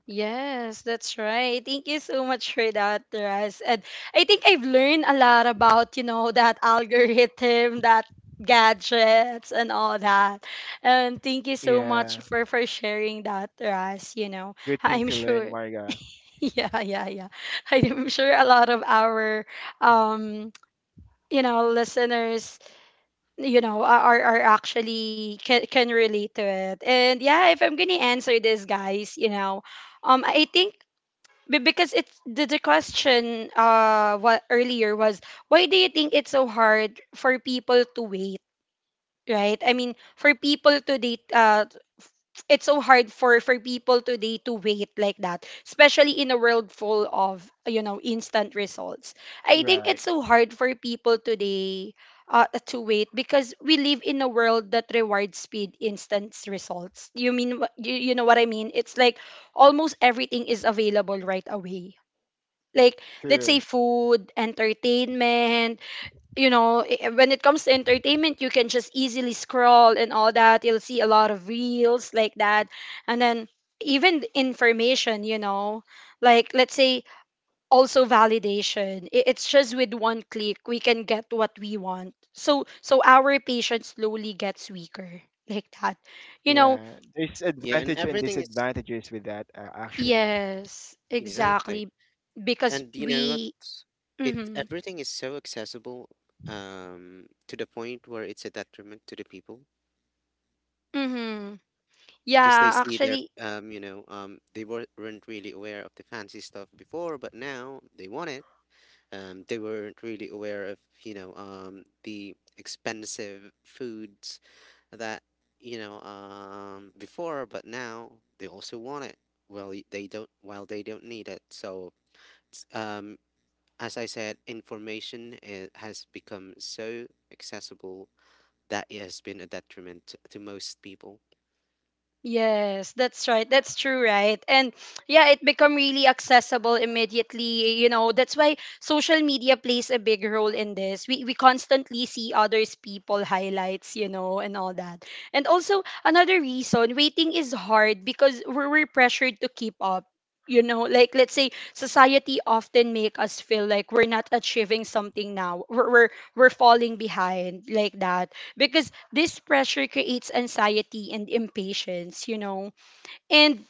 Yes, that's right. Thank you so much for that, Ras. And I think I've learned a lot about, you know, that algorithm, that gadgets and all that. And thank you so much
Yeah,
for sharing that, Ras, you know.
good thing
I'm
to learn,
sure
Marga.
yeah, yeah, yeah. I'm sure a lot of our, um, you know, listeners, you know, are, actually can relate to it. And yeah, if I'm going to answer this, guys, you know, I think, because it's the, question, what earlier was: why do you think it's so hard for people to wait, right? I mean, for people today, it's so hard for people today to wait, like that, especially in a world full of, you know, instant results. I think it's
Right.
so hard for people today, to wait, because we live in a world that rewards speed, instant results. You mean, you, know what I mean? It's like almost everything is available right away. Like, let's say,
True.
food, entertainment, you know. When it comes to entertainment, you can just easily scroll and all that, you'll see a lot of reels like that. And then even information, you know, like let's say also validation. It's just with one click we can get what we want, so our patience slowly gets weaker, like that, you know?
Yeah, there's
Yeah, and
advantage and
everything is
disadvantages with that, actually.
Yes,
exactly,
exactly, because
and you know what?
we—
It
Mhm.
everything is so accessible, to the point where it's a detriment to the people
Mhm.
because they
Yeah,
see their
actually,
weren't really aware of the fancy stuff before, but now they want it. They weren't really aware of, you know, the expensive foods that, you know, before, but now they also want it. Well, they don't need it. So um as I said, information has become so accessible that it has been a detriment to most people.
yes, that's right. That's true, right? And yeah, it become really accessible immediately. You know, that's why social media plays a big role in this. We constantly see others people highlights, you know, and all that. And also another reason waiting is hard, because we're, pressured to keep up. You know, like let's say society often make us feel like we're not achieving something now. We're falling behind, like that, because this pressure creates anxiety and impatience, you know. And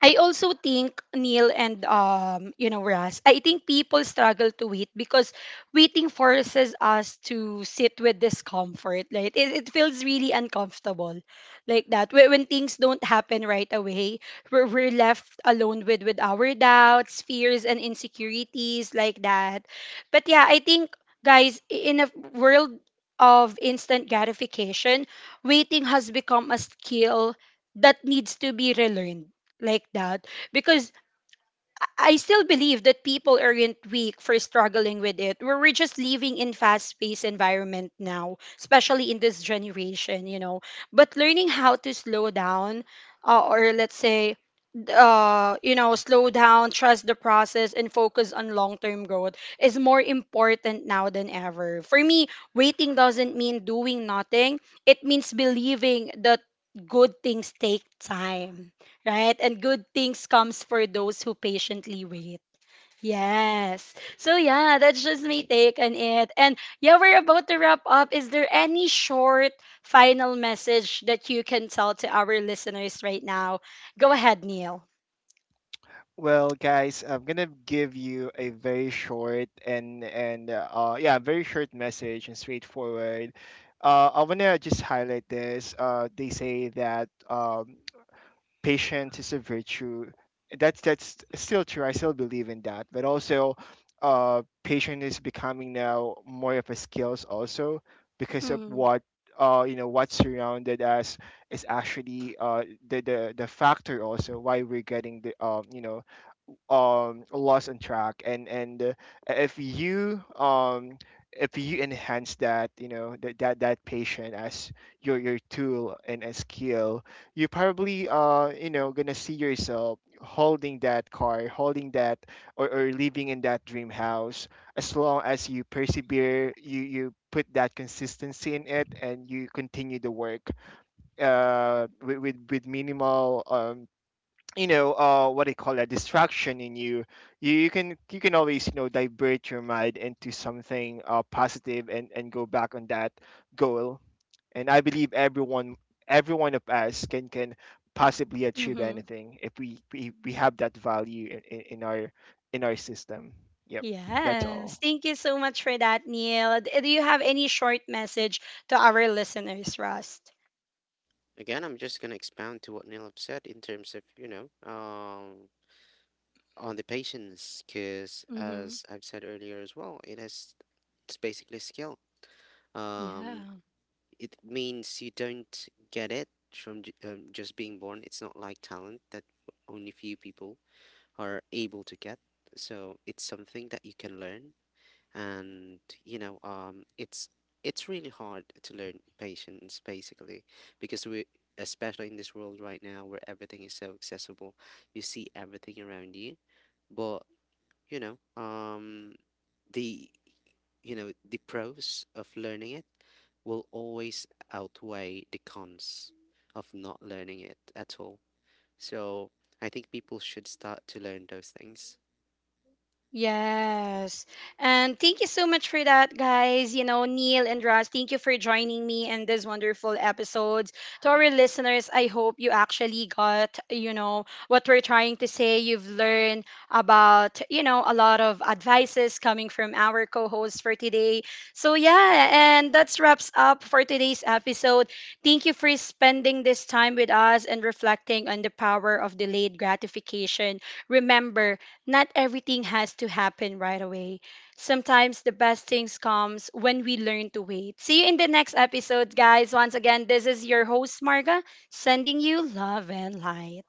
I also think Neil and, you know, Ras, I think people struggle to wait because waiting forces us to sit with discomfort. Right, it, feels really uncomfortable, like that. When, things don't happen right away, we're left alone with our doubts, fears, and insecurities, like that. But yeah, I think guys, in a world of instant gratification, waiting has become a skill that needs to be relearned, like that, because I still believe that people aren't weak for struggling with it. We're just living in fast-paced environment now, especially in this generation, you know. But learning how to slow down, or let's say, slow down, trust the process, and focus on long term growth is more important now than ever. For me, waiting doesn't mean doing nothing, it means believing that good things take time, right? And good things comes for those who patiently wait. Yes. So yeah, that's just my take on it. And yeah, we're about to wrap up. Is there any short final message that you can tell to our listeners right now? Go ahead, Neil.
Well, guys, I'm gonna give you a very short and yeah, very short message and straightforward. I wanna just highlight this. They say that, patience is a virtue. That's still true. I still believe in that. But also, patience is becoming now more of a skills also, because of
Mm,
what, you know, what surrounded us is actually the the factor also why we're getting the, lost on track. And If you, if you enhance that, you know, that patient as your tool and a skill, you probably, you know, gonna see yourself holding that car, holding that, or, living in that dream house, as long as you persevere. You put that consistency in it, and you continue the work with, with minimal, what they call a distraction in you. You can, always, you know, divert your mind into something positive, and go back on that goal. And I believe everyone, every one of us, can possibly achieve
mm-hmm.
anything if we, have that value in, in our, in our system. Yep, that's
Yes.
all.
Thank you so much for that, Neil. Do you have any short message to our listeners, Rust?
Again, I'm just gonna expound to what Neil have said in terms of, you know, on the patience, because
Mm-hmm.
as I've said earlier as well, it's basically skill.
Yeah.
Um, it means you don't get it from just being born. It's not like talent that only few people are able to get. So it's something that you can learn, and you know, it's really hard to learn patience basically because we especially in this world right now where everything is so accessible, you see everything around you. But you know, the you know, the pros of learning it will always outweigh the cons of not learning it at all. So I think people should start to learn those things.
Yes. And thank you so much for that, guys. You know, Neil and Ross, thank you for joining me in this wonderful episodes. To our listeners, I hope you actually got, you know, what we're trying to say. You've learned about, you know, a lot of advices coming from our co-hosts for today. So yeah, and that's wraps up for today's episode. Thank you for spending this time with us and reflecting on the power of delayed gratification. Remember, not everything has to happen right away. Sometimes the best things comes when we learn to wait. See you in the next episode, guys. Once again, this is your host Marga, sending you love and light.